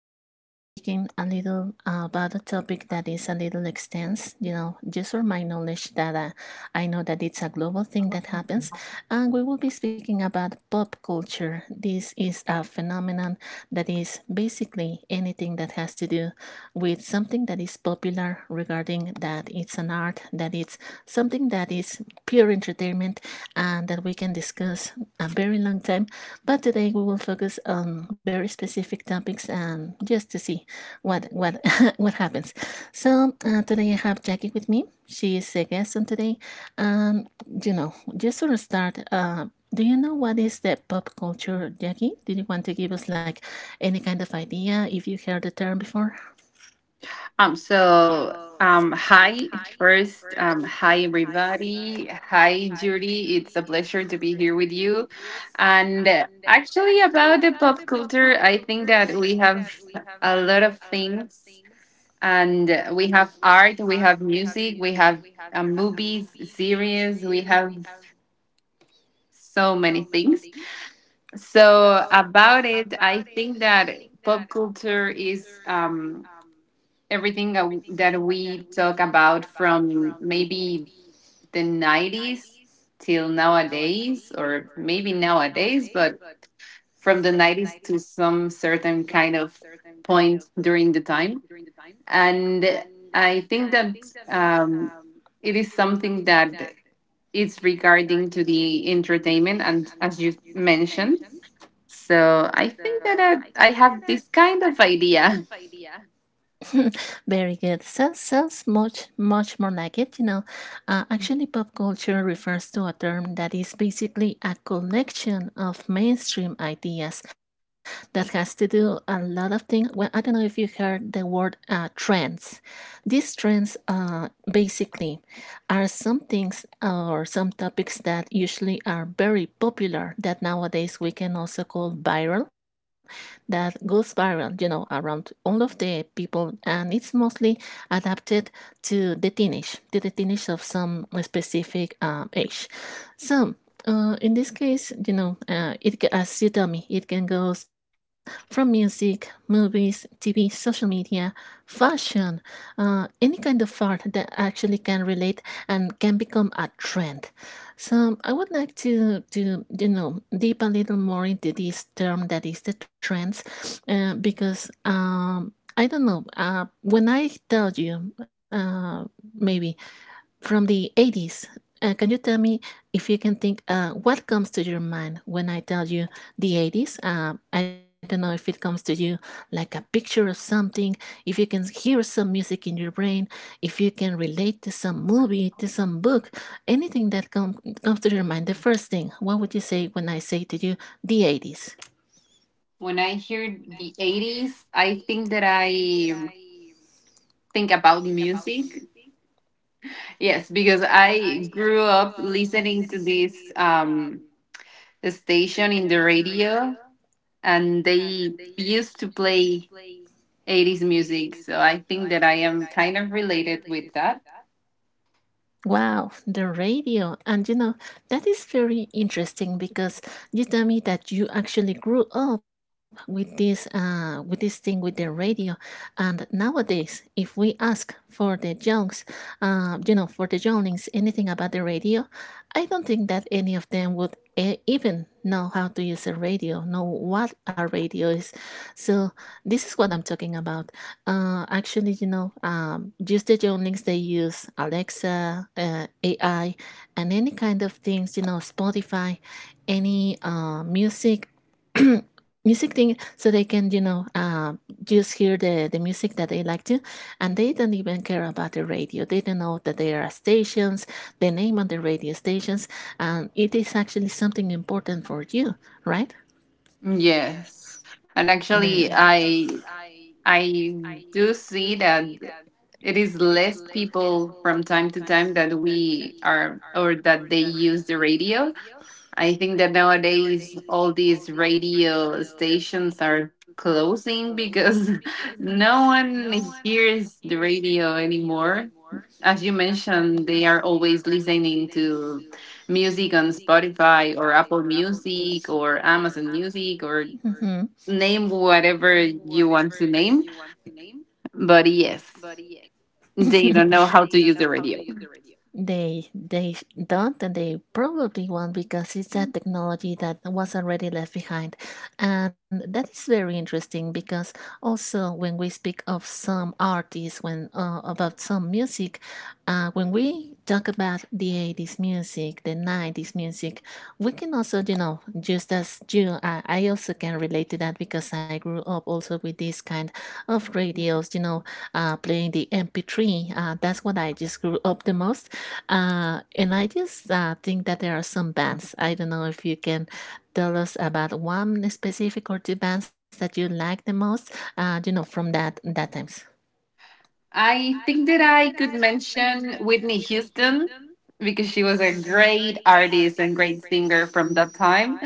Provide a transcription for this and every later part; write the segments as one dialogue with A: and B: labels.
A: we will be speaking a little about a topic that is a little extensive, you know, just for my knowledge that I know that it's a global thing that happens. And we will be speaking about pop culture. This is a phenomenon that is basically anything that has to do with something that is popular regarding that it's an art, that it's something that is pure entertainment and that we can discuss a very long time, but today we will focus on very specific topics and just to see what what happens. So today I have Jackie with me. She is a guest on today. Just sort of start, do you know what is the pop culture, Jackie? Did you want to give us like any kind of idea if you heard the term before?
B: So um, hi hi everybody, hi Judy. It's a pleasure to be here with you. And actually, about the pop culture, I think that we have a lot of things, and we have art, we have music, we have movies, series, we have so many things. So about it, I think that pop culture is everything that we talk about from maybe the 90s till nowadays, or maybe nowadays but from the 90s to some certain kind of point during the time. And I think that um, it is something that is regarding to the entertainment, and as you mentioned, so I think that I have this kind of idea.
A: Very good. Sounds much more like it. You know, actually, pop culture refers to a term that is basically a collection of mainstream ideas that has to do a lot of things. Well, I don't know if you heard the word trends. These trends, basically, are some things or some topics that usually are very popular that nowadays we can also call viral, that goes viral, you know, around all of the people, and it's mostly adapted to the teenage of some specific age. So. In this case, you know, as you tell me, it can goes from music, movies, TV, social media, fashion, any kind of art that actually can relate and can become a trend. So I would like to you know deep a little more into this term that is the trends, because I don't know. When I tell you, maybe from the 80s. Can you tell me if you can think what comes to your mind when I tell you the 80s? I don't know if it comes to you like a picture of something, if you can hear some music in your brain, if you can relate to some movie, to some book, anything comes to your mind. The first thing, what would you say when I say to you the 80s?
B: When I hear the 80s, I think that I think about music. Yes, because I grew up listening to this station in the radio, and they used to play 80s music. So I think that I am kind of related with that.
A: Wow, the radio. And you know, that is very interesting because you tell me that you actually grew up with this thing with the radio. And nowadays, if we ask for the youngs, you know, for the younglings anything about the radio, I don't think that any of them would even know how to use a radio, know what a radio is. So this is what I'm talking about. Actually, you know, just the links they use Alexa, AI, and any kind of things, you know, Spotify, any music, music thing, so they can, you know, just hear the music that they like to, and they don't even care about the radio. They don't know that there are stations, the name of the radio stations, and it is actually something important for you, right?
B: Yes. And
A: The, and.
B: actually I do see that it is less people from time to time that we are, or that they use the radio. I think that nowadays all these radio stations are closing because no one hears the radio anymore. As you mentioned, they are always listening to music on Spotify or Apple Music or Amazon Music, or
A: Mhm.
B: name whatever you want to name. But yes, they don't know how to use the radio.
A: They don't, and they probably won't because it's a technology that was already left behind. And that is very interesting because also when we speak of some artists when about some music, when we talk about the 80s music, the 90s music, we can also, you know, just as you, I also can relate to that because I grew up also with this kind of radios, you know, playing the MP3. That's what I just grew up the most, and I just think that there are some bands. I don't know if you can tell us about one specific or two bands that you like the most. You know, from that times.
B: I think that I could mention Whitney Houston because she was a great artist and great singer from that time.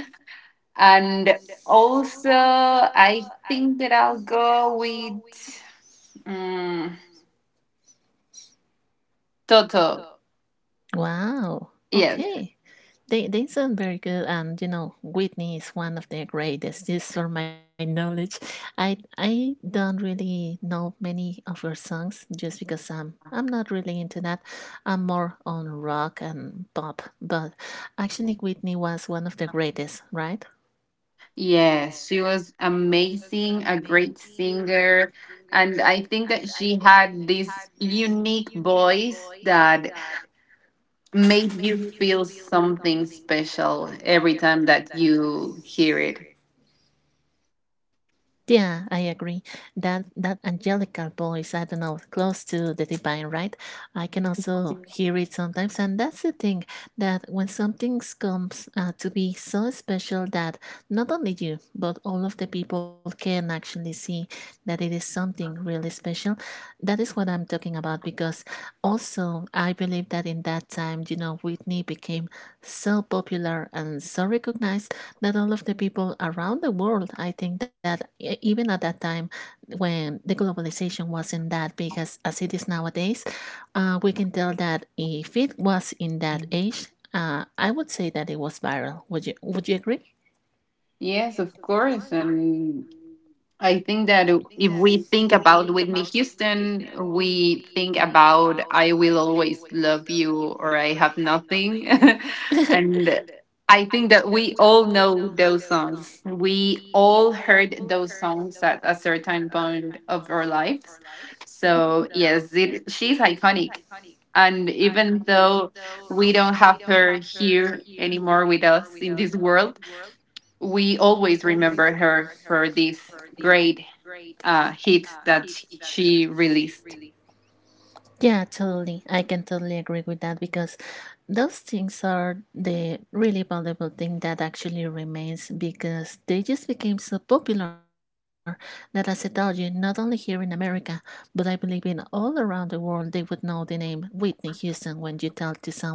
B: And also, I think that I'll go with mm, Toto.
A: Wow.
B: Yes.
A: Okay. They sound very good, and you know Whitney is one of the greatest. Just for my knowledge, I don't really know many of her songs, just because I'm not really into that. I'm more on rock and pop, but actually Whitney was one of the greatest, right?
B: Yes. She was amazing, a great singer. And I think that she had this unique voice that made you feel something special every time that you hear it.
A: Yeah, I agree. That angelical voice, I don't know, close to the divine, right? I can also hear it sometimes, and that's the thing that when something comes to be so special that not only you but all of the people can actually see that it is something really special. That is what I'm talking about because also I believe that in that time, you know, Whitney became so popular and so recognized not all of the people around the world. I think that even at that time when the globalization wasn't that big as it is nowadays, we can tell that if it was in that age, I would say that it was viral. Would you agree?
B: Yes, of course. And I think that if we think about Whitney Houston, we think about I Will Always Love You or I Have Nothing. And I think that we all know those songs. We all heard those songs at a certain point of our lives. So, yes, it, she's iconic. And even though we don't have her here anymore with us in this world, we always remember her for these great hits that she released.
A: Yeah, totally. I can totally agree with that because those things are the really valuable thing that actually remains because they just became so popular that as I told you, not only here in America, but I believe in all around the world, they would know the name Whitney Houston when you tell to someone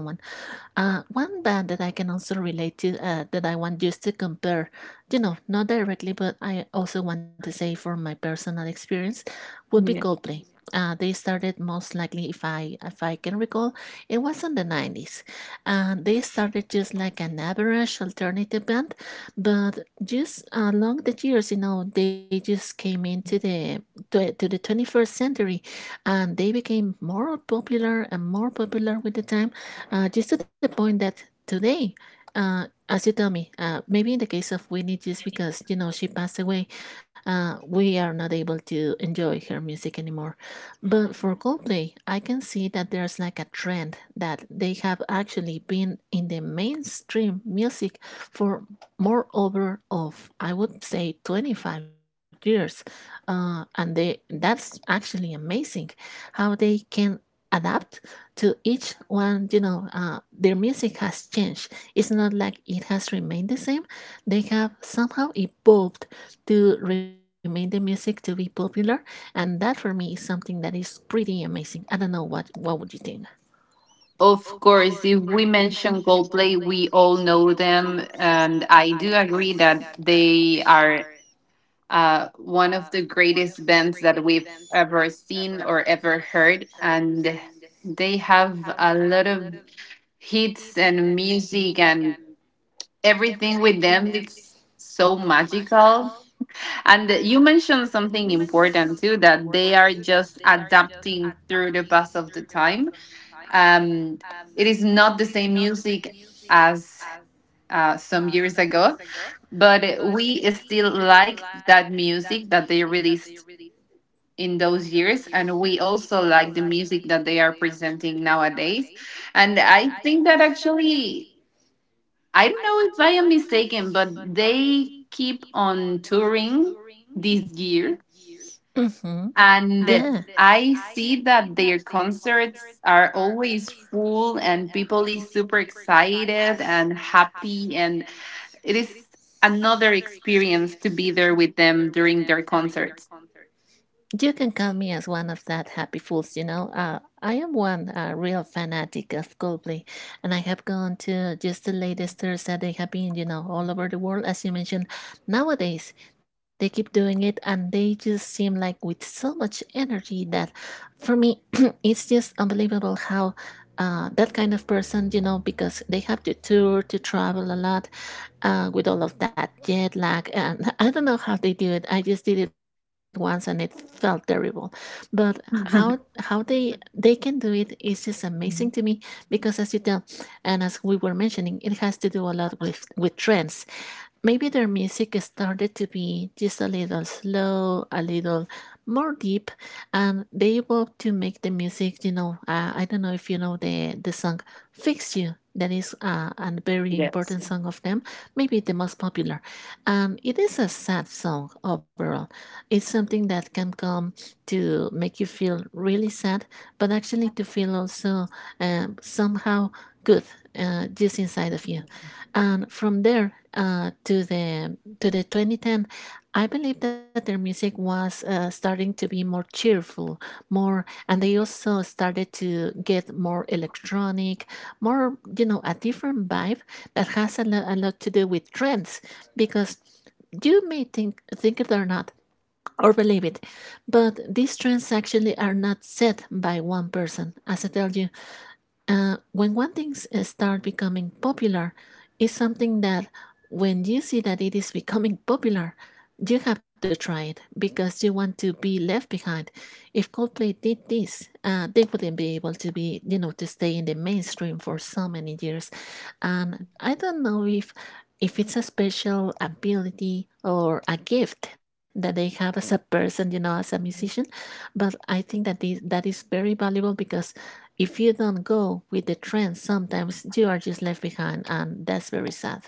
A: one band that I can also relate to that I want just to compare, you know, not directly, but I also want to say from my personal experience, would be
B: Yeah.
A: Coldplay. They started most likely, if I can recall, it was in the 90s. They started just like an average alternative band, but just along the years, you know, they just came into the to the twenty-first century, and they became more popular and more popular with the time, just to the point that today, as you tell me, maybe in the case of Whitney, just because you know she passed away, we are not able to enjoy her music anymore. But for Coldplay, I can see that there's like a trend that they have actually been in the mainstream music for more over of I would say 25 years, and they that's actually amazing how they can adapt to each one, you know, their music has changed. It's not like it has remained the same. They have somehow evolved to remain the music to be popular, and that for me is something that is pretty amazing. I don't know what would you think.
B: Of course, if we mention Coldplay, we all know them, and I do agree that they are one of the greatest bands that we've ever seen or ever heard, and they have a lot of hits and music and everything with them. It's so magical. And you mentioned something important too, that they are just adapting through the pass of the time. Um, it is not the same music as some years ago, but we still like that music that they released in those years, and we also like the music that they are presenting nowadays. And I think that actually, I don't know if I am mistaken, but they keep on touring this year.
A: Hmm. Yeah.
B: And
A: Yeah.
B: I see that their concerts are always full, and people is super excited and happy, and it is another experience to be there with them during their concerts.
A: You can count me as one of that happy fools, you know. I am one real fanatic of Coldplay, and I have gone to just the latest tours that they have been, you know, all over the world, as you mentioned. Nowadays, they keep doing it, and they just seem like with so much energy that for me, it's just unbelievable how. That kind of person, you know, because they have to tour, to travel a lot, with all of that jet lag. And I don't know how they do it. I just did it once and it felt terrible. But how they can do it is just amazing to me because as you tell, and as we were mentioning, it has to do a lot with trends. Maybe their music started to be just a little slow, a little more deep, and they evolved to make the music. You know, I don't know if you know the song "Fix You." That is a very important song of them, maybe the most popular. It is a sad song overall. It's something that can come to make you feel really sad, but actually to feel also somehow good, just inside of you. And from there to the 2010, I believe that their music was starting to be more cheerful, more, and they also started to get more electronic, more, you know, a different vibe that has a lot to do with trends because you may think it or not or believe it, but these trends actually are not set by one person. As I tell you, when one thing start becoming popular, it's something that when you see that it is becoming popular, you have to try it because you want to be left behind. If Coldplay did this, they wouldn't be able to be, you know, to stay in the mainstream for so many years. And I don't know if it's a special ability or a gift that they have as a person, you know, as a musician, but I think that that is very valuable because if you don't go with the trend, sometimes you are just left behind, and that's very sad.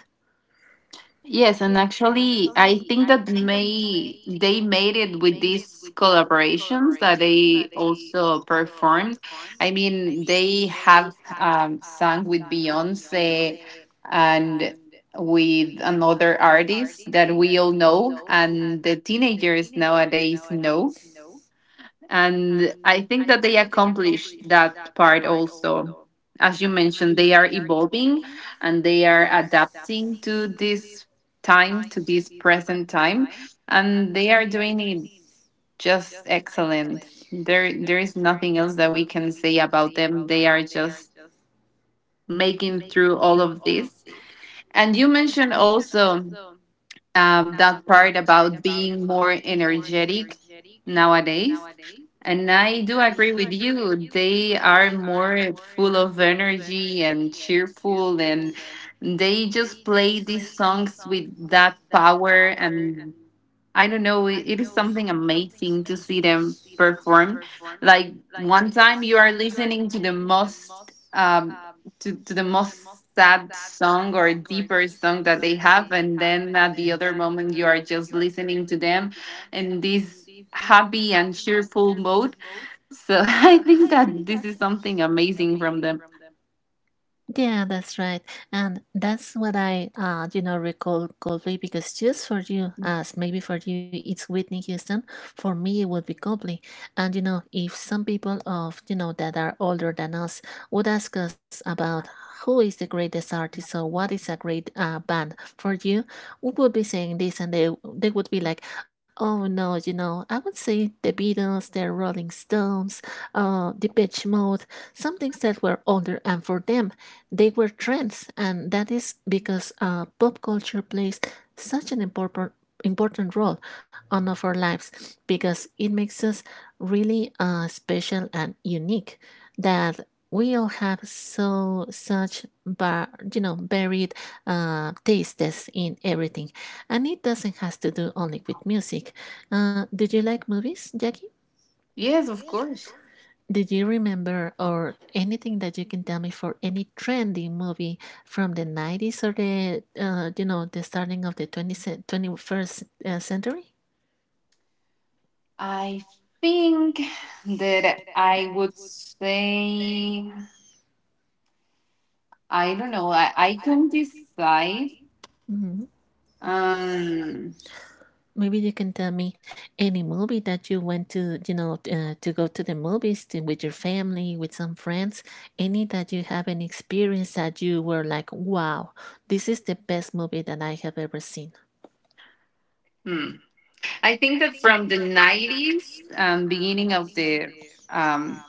B: Yes, and actually, I think that may they made it with these collaborations that they also performed. I mean, they have sung with Beyonce, and with another artist that we all know, and the teenagers nowadays know. And I think that they accomplished that part also. As you mentioned, they are evolving and they are adapting to this time, to this present time, and they are doing it just excellent. There is nothing else that we can say about them. They are just making through all of this. And you mentioned also that part about being more energetic nowadays. And I do agree with you. They are more full of energy and cheerful, and they just play these songs with that power, and I don't know. It is something amazing to see them perform. Like one time, you are listening to the most sad song or deeper song that they have, and then at the other moment, you are just listening to them in this happy and cheerful mode. So I think that this is something amazing from them.
A: Yeah, that's right. And that's what I recall Coldplay because just for you, as maybe for you it's Whitney Houston, for me it would be Coldplay. And, you know, if some people of, you know, that are older than us would ask us about who is the greatest artist or what is a great band for you, we would be saying this and they would be like, oh no, you know, I would say the Beatles, the Rolling Stones, the Depeche Mode, some things that were older. And for them, they were trends, and that is because pop culture plays such an important role on of our lives because it makes us really special and unique that we all have so such bar, you know varied tastes in everything and it doesn't has to do only with music do you like movies jackie
B: Yes, of course.
A: did you remember or anything that you can tell me for any trendy movie from the 90s or the you know the starting of the 20th, 21st century?
B: I think that I would say, I don't know, I can decide.
A: Mhm.
B: Um,
A: Maybe you can tell me any movie that you went to, you know, to go to the movies to, with your family, with some friends, any that you have an experience that you were like, wow, this is the best movie that I have ever seen.
B: hmm. I think that from the 90s, beginning of the um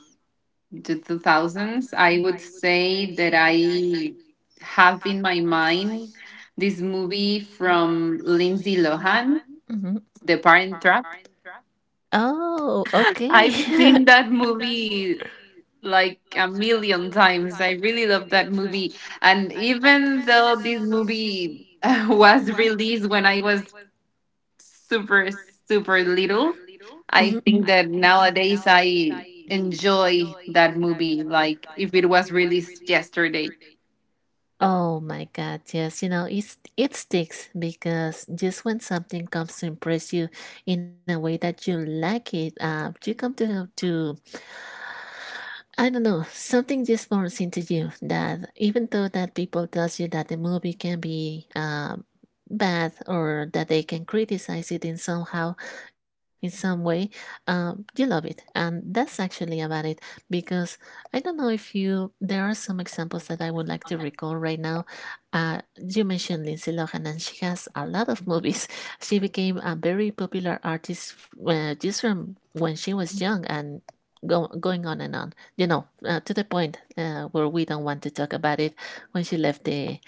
B: the two thousands, I would say that I have in my mind this movie from Lindsay Lohan,
A: Mhm.
B: The Parent Trap.
A: Oh, okay.
B: I've seen that
A: I
B: movie like a million times. I really love that movie. And even though this movie was released when I was super, super little. I think that nowadays I enjoy that movie like if it was released yesterday.
A: Oh my god, yes, you know, it's, it sticks because just when something comes to impress you in a way that you like it, you come to I don't know. Something just burns into you that even though that people tells you that the movie can be bad or that they can criticize it in somehow, in some way, you love it, and that's actually about it. Because I don't know if you. There are some examples that I would like to recall right now. You mentioned Lindsay Lohan, and she has a lot of movies. She became a very popular artist just from when she was young, and. Go, going on and on you know, to the point where we don't want to talk about it when she left the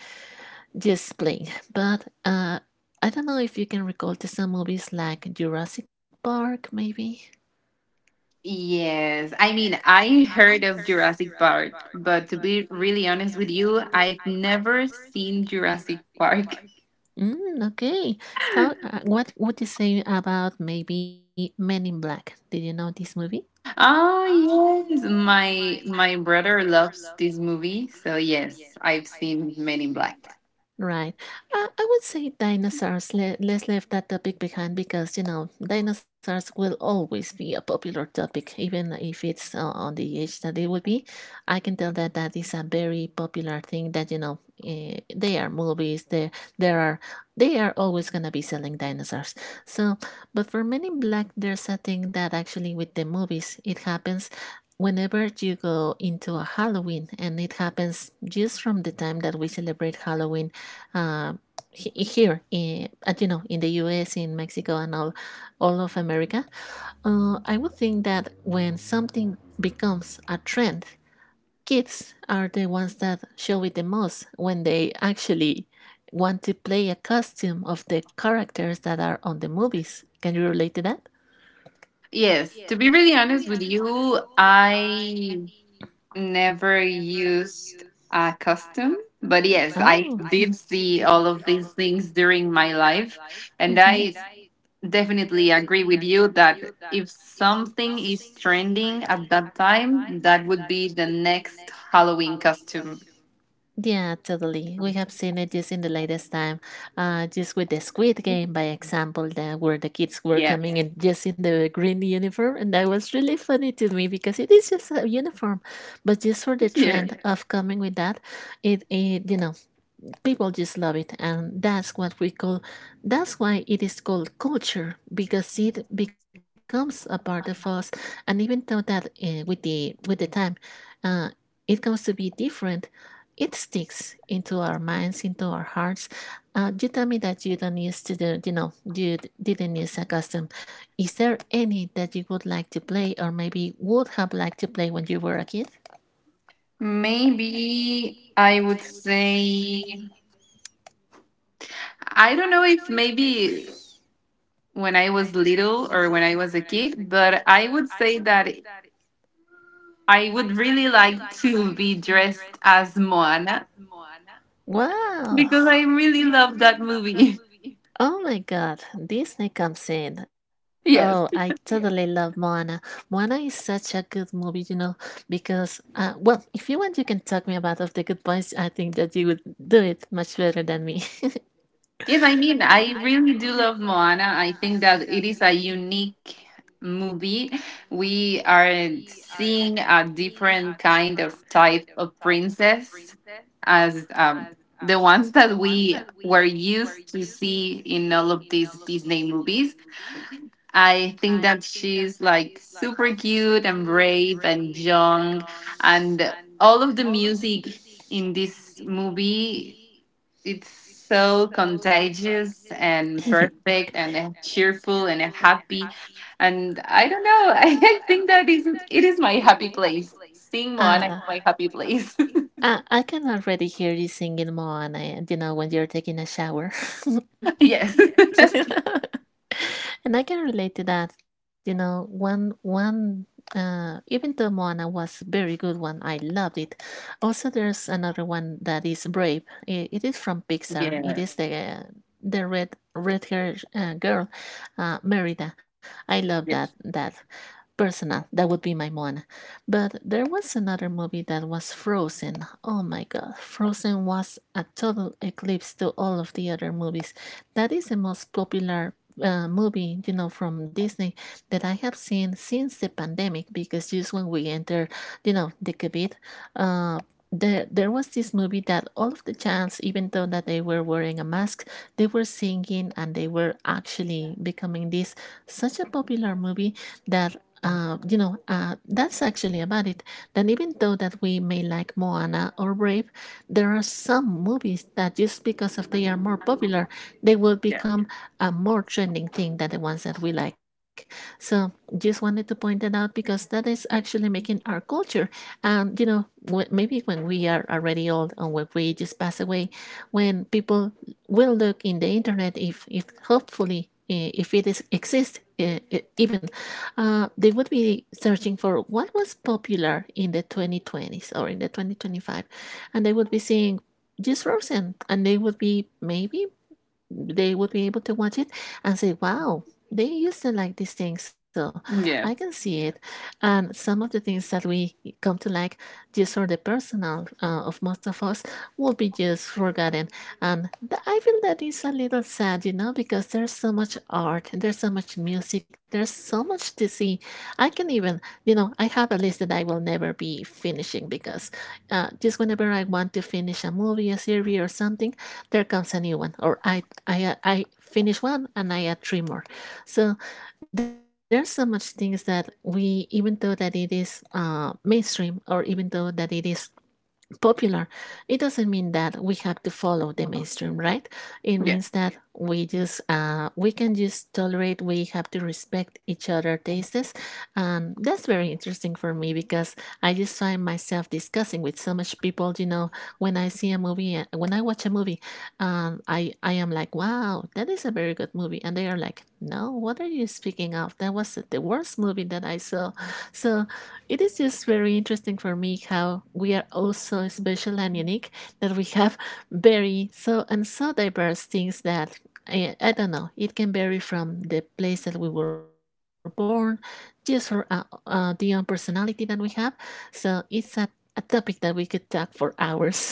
A: just playing. But I don't know if you can recall to some movies like Jurassic Park, maybe.
B: Yes, I mean, I heard of Jurassic Park, but to be really honest with you, I've never seen Jurassic Park.
A: Mm, okay. How? What would you say about maybe Men in Black? Did you know this movie?
B: Oh yes, my brother loves this movie, so yes, I've seen Men in Black.
A: Right. I would say dinosaurs. Let's leave that topic behind because, you know, dinosaurs will always be a popular topic, even if it's on the age that they will be. I can tell that that is a very popular thing that, you know, they are movies. There are, they are always going to be selling dinosaurs. So, but for Men in Black, there's a thing that actually with the movies, it happens whenever you go into a Halloween, and it happens just from the time that we celebrate Halloween uh, here in, as you know in the US, in Mexico, and all of America. I would think that when something becomes a trend, kids are the ones that show it the most when they actually want to play a costume of the characters that are on the movies. Can you relate to that?
B: Yes, to be really honest with you, I never used a costume, but yes, I
A: Oh.
B: did see all of these things during my life, and
A: Hmm.
B: I definitely agree with you that if something is trending at that time, that would be the next Halloween costume.
A: Yeah, totally. We have seen it just in the latest time, just with the Squid Game, by example, that where the kids were
B: Yes,
A: coming in just in the green uniform, and that was really funny to me because it is just a uniform, but just for the
B: yes.
A: trend of coming with that, it you know people just love it and that's what we call that's why it is called culture because it becomes a part of us and even though that with the time uh, it comes to be different it sticks into our minds into our hearts you tell me that you don't use to do you know you didn't use a custom is there any that you would like to play or maybe would have liked to play when you were a kid
B: Maybe I would say, I don't know, if maybe when I was little or when I was a kid, but I would say that I would really like to be dressed as Moana,
A: wow
B: because I really love that movie.
A: Oh my god, Disney comes in. Oh, I Yeah,
B: Yes.
A: totally love Moana. Moana is such a good movie, you know, because well, if you want you can talk me about of the good points. I think that you would do it much better than me.
B: Yes, I mean, I really do love Moana. I think that it is a unique movie. We are seeing a different kind of type of princess as the ones that we were used to see in all of these Disney movies. I think that she's like super cute and brave and young, and all of the music in this movie, it's so contagious and perfect and cheerful and happy, and I don't know. I think that is it is my happy place, seeing Moana is
A: Ah,
B: my happy place.
A: I can already hear you singing Moana, and, you know, when you're taking a shower.
B: Yes.
A: And I can relate to that. You know, one one even the Moana was a very good one. I loved it. Also, there's another one that is Brave. It is from Pixar. It
B: Yeah,
A: is the red hair girl, Merida. I love that
B: yes,
A: that. Persona, that would be my one, but there was another movie that was Frozen. Oh my god, Frozen was a
B: yes,
A: total eclipse to all of the other movies. That is the most popular movie, you know, from Disney that I have seen since the pandemic because just when we entered, you know, the COVID, uh, there was this movie that all of the chants, even though that they were wearing a mask, they were singing and they were actually becoming this such a popular movie that that's actually about it. That even though that we may like Moana or Brave, there are some movies that just because of they are more popular, they will
B: yeah,
A: become a more trending thing than the ones that we like. So just wanted to point that out because that is actually making our culture. And you know, maybe when we are already old or when we just pass away, when people will look in the internet if hopefully if it is exists even they would be searching for what was popular in the 2020s or in the 2025 and they would be seeing just frozen and they would be maybe they would be able to watch it and say, wow, they used to like this thing, so I can
B: yeah,
A: see it. And some of the things that we come to like, just for the personal of most of us, will be just forgotten. And I feel that is a little sad, you know, because there's so much art, there's so much music, there's so much to see. I can even, you know, I have a list that I will never be finishing because just whenever I want to finish a movie, a series, or something, there comes a new one, or I finish one and I add three more. So there's so much things that we even though that it is mainstream or even though that it is popular, it doesn't mean that we have to follow the mainstream, right? It means
B: yes.
A: that we just we can just tolerate. We have to respect each other' tastes, and that's very interesting for me because I just find myself discussing with so much people. You know, when I see a movie, when I watch a movie, I am like, wow, that is a very good movie, and they are like, no, what are you speaking of? That was the worst movie that I saw. So it is just very interesting for me how we are all so special and unique that we have very so and so diverse things that I don't know. It can vary from the place that we were born, just for the own personality that we have. So it's a topic that we could talk for hours.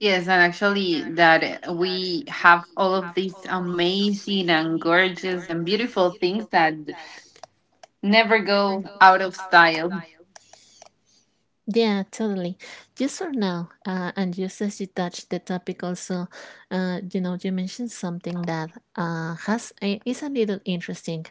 B: Yes, and actually, that we have all of these amazing and gorgeous and beautiful things that never go out of style.
A: Yeah, totally. Just for now, and just as you touched the topic, also, you know, you mentioned something that is a little interesting.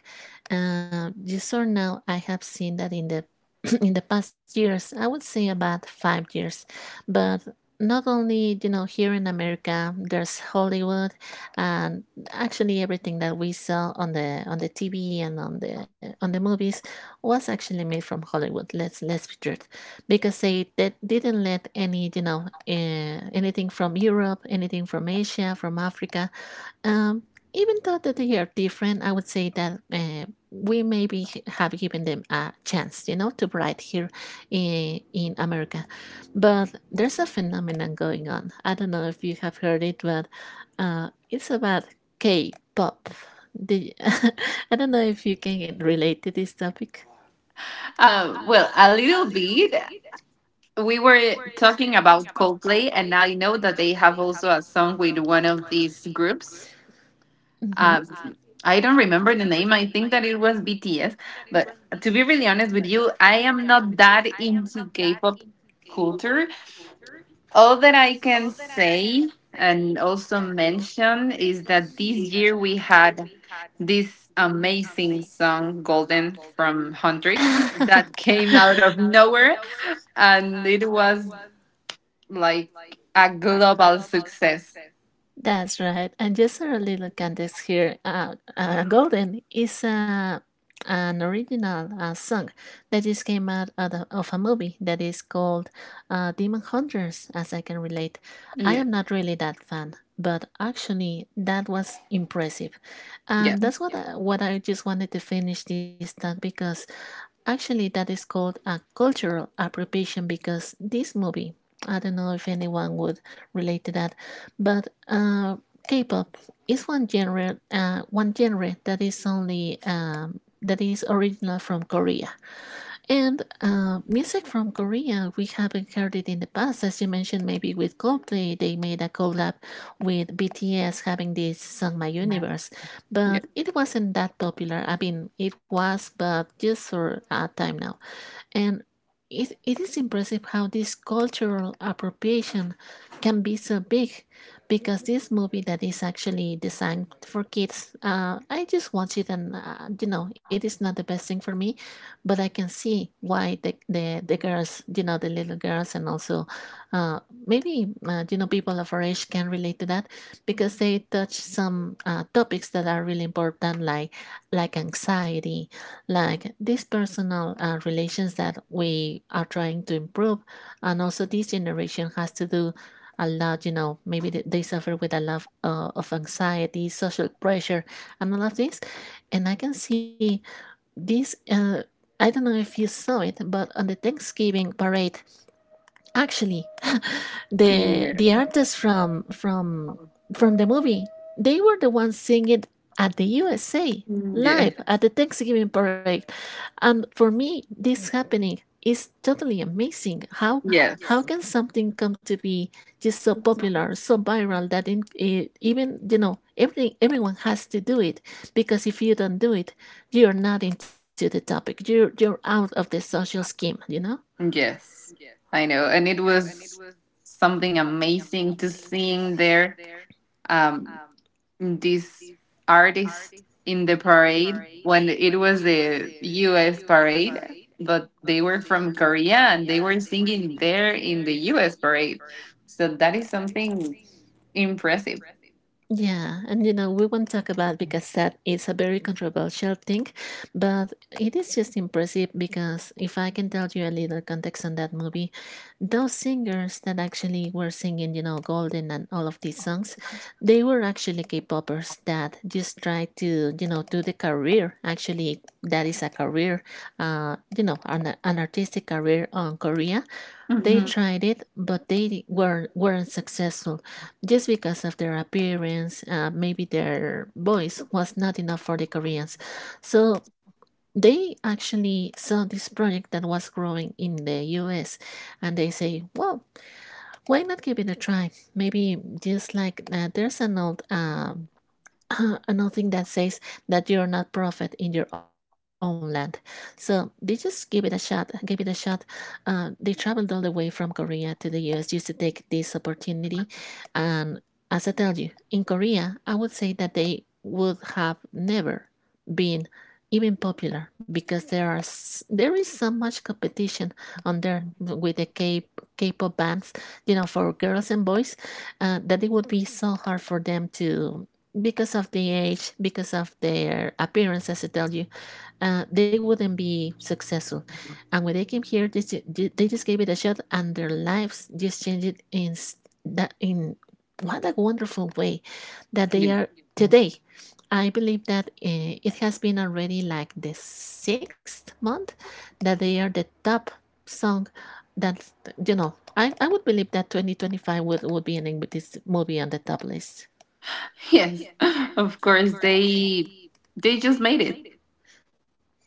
A: Just for now, I have seen that in the in the past years, I would say about 5 years, but not only you know here in America, there's Hollywood, and actually everything that we saw on the TV and on the movies was actually made from Hollywood. Let's be true because they didn't let any you know anything from Europe, anything from Asia, from Africa. Um, Even though that they are different, I would say that we maybe have given them a chance, you know, to bright here in America. But there's a phenomenon going on. I don't know if you have heard it, but it's about K-pop. The, I don't know if you can relate to this topic.
B: Well, a little bit. We were talking about Coldplay, and I know that they have also a song with one of these groups.
A: Mhm.
B: Um, I don't remember the name. I think that it was BTS. But to be really honest with you, I am not that into K-pop culture. All that I can say and also mention is that this year we had this amazing song Golden from Huntrix
A: that
B: that came out of nowhere, and it was like a global success.
A: That's right. And just a little context here. Golden is an original song that just came out of, of a movie that is called Demon Hunters, as I can relate. I
B: Yeah,
A: am not really that fan, but actually that was impressive.
B: yeah,
A: And that's what what I just wanted to finish this talk because actually, that is called a cultural appropriation because this movie, I don't know if anyone would relate to that, but K-pop is one genre that is only that is original from Korea. And music from Korea, we haven't heard it in the past, as you mentioned, maybe with Coldplay, they made a collab with BTS having this song "My Universe,"
B: yeah,
A: but it wasn't that popular. I mean, it was, but just for a time now. And it is impressive how this cultural appropriation can be so big because this movie that is actually designed for kids, I just watch it, and it is not the best thing for me, but I can see why the girls, the little girls, and also uh, maybe people of our age can relate to that because they touch some topics that are really important, like anxiety, like these personal relations that we are trying to improve. And also this generation has to do a lot, maybe they suffer with a lot of anxiety, social pressure, and all of this. And I can see this I don't know if you saw it, but on the Thanksgiving parade actually, the
B: yeah,
A: the artists from the movie, they were the ones singing at the USA
B: yeah,
A: live at the Thanksgiving parade. And for me, this happening is totally amazing.
B: yes,
A: How can something come to be just so popular, so viral that even everyone has to do it? Because if you don't do it, you're not into the topic. You're out of the social scheme, you know.
B: yes. I know, and it was something amazing to seeing there. Um, this artist in the parade, when it was the U.S. parade, but they were from Korea and they were singing there in the U.S. parade. So that is something impressive.
A: Yeah, and you know, we won't talk about because that is a very controversial thing, but it is just impressive because if I can tell you a little context on that movie, those singers that actually were singing, you know, Golden and all of these songs, they were actually K-popers that just try to, you know, do the career. Actually, that is a career, you know, an artistic career on Korea. They
B: Hmm,
A: tried it, but they were weren't successful, just because of their appearance. Maybe their voice was not enough for the Koreans, so they actually saw this project that was growing in the U.S., and they say, "Well, why not give it a try? Maybe just like there's an old." Another thing that says that you're not prophet in your own land. So they just give it a shot, gave it a shot. They traveled all the way from Korea to the U.S. just to take this opportunity. And as I tell you, in Korea, I would say that they would have never been even popular because there is so much competition on there with the K K-pop bands, you know, for girls and boys, that it would be so hard for them to, because of the age, because of their appearance, as I tell you, they wouldn't be successful. And when they came here, they just gave it a shot, and their lives just changed in s- that in what a wonderful way that they
B: yeah.
A: are today. I believe that it has been already like the sixth month that they are the top song. That you know, I would believe that 2025 would be ending with this movie on the top list.
B: Yes. Of course they just made it.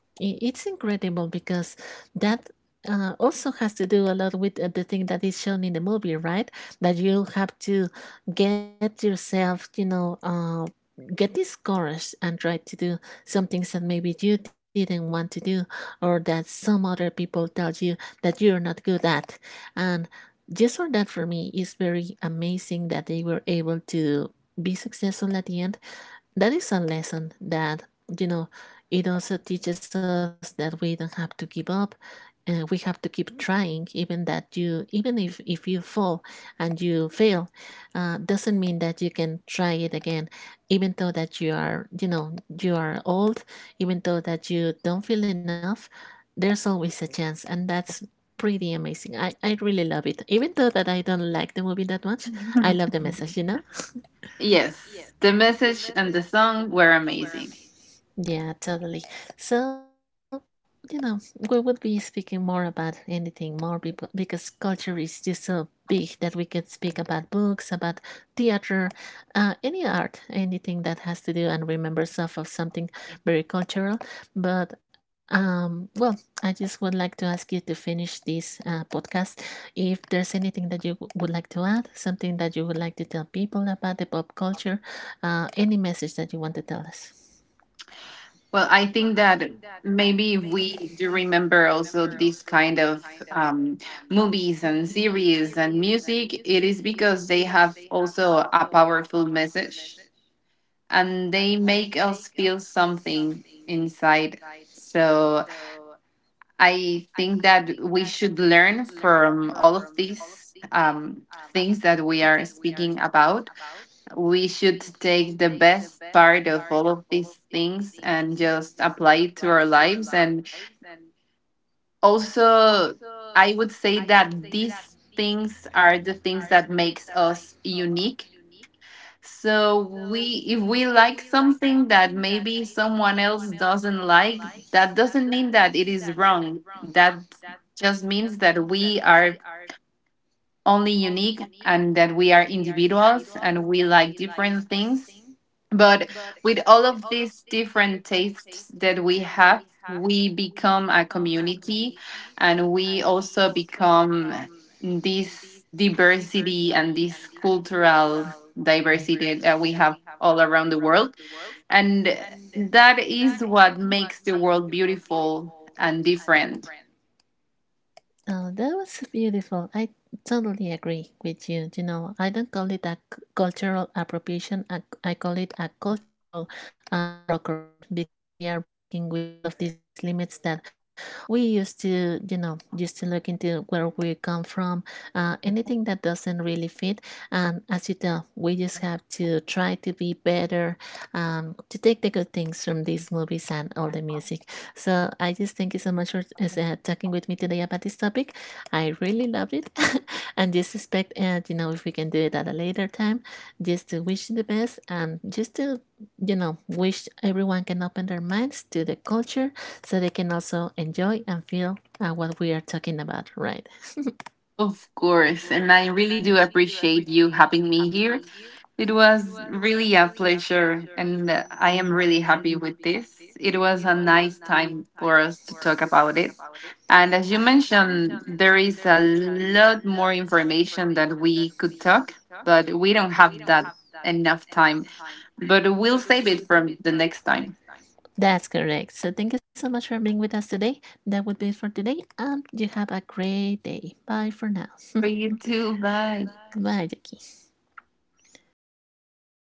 A: It's incredible because that also has to do a lot with the thing that is shown in the movie, right? That you have to get yourself, you know, get discouraged and try to do some things that maybe you didn't want to do, or that some other people tell you that you're not good at. And just for that, for me, is very amazing that they were able to be successful at the end. That is a lesson that, you know, it also teaches us that we don't have to give up, and we have to keep trying. Even that you even if you fall and you fail, doesn't mean that you can try it again, even though that you are, you know, you are old, even though that you don't feel enough, there's always a chance. And that's pretty amazing. I really love it, even though that I don't like the movie that much, I love the message, you know.
B: Yes, the message and the song were amazing.
A: Yeah, totally. So, you know, we would be speaking more about anything more people because culture is just so big that we can speak about books, about theater, any art, anything that has to do and remembers of something very cultural. But, well, I just would like to ask you to finish this podcast. If there's anything that you would like to add, something that you would like to tell people about the pop culture, any message that you want to tell us.
B: Well, I think that maybe if we do remember also this kind of um, movies and series and music, it is because they have also a powerful message, and they make us feel something inside. So I think that we should learn from all of these things that we are speaking about. We should take the best part of all of these things and just apply it to our lives. And also, I would say that these things are the things that makes us unique, so we if we like something that maybe someone else doesn't like, that doesn't mean that it is wrong. That just means that we are only unique, and that we are individuals and we like different things, but with all of these different tastes that we have, we become a community, and we also become this diversity and this cultural diversity that we have all around the world. And that is what makes the world beautiful and different.
A: Oh, that was beautiful. I totally agree with you. You know, I don't call it a cultural appropriation. I call it a cultural brokerage because they are breaking with all of these limits that we used to look into where we come from. Anything that doesn't really fit, and as you tell, we just have to try to be better, to take the good things from these movies and all the music. So I just thank you so much for talking with me today about this topic. I really loved it, and just expect, you know, if we can do it at a later time, just to wish you the best, and just to, you know, wish everyone can open their minds to the culture so they can also enjoy and feel what we are talking about, right?
B: Of course. And I really do appreciate you having me here. It was really a pleasure, and I am really happy with this. It was a nice time for us to talk about it. And as you mentioned, there is a lot more information that we could talk, but we don't have that enough time. But we'll save it from the next time.
A: That's correct. So thank you so much for being with us today. That would be it for today, and you have a great day. Bye for now.
B: For you too. Bye.
A: Bye, Jackie.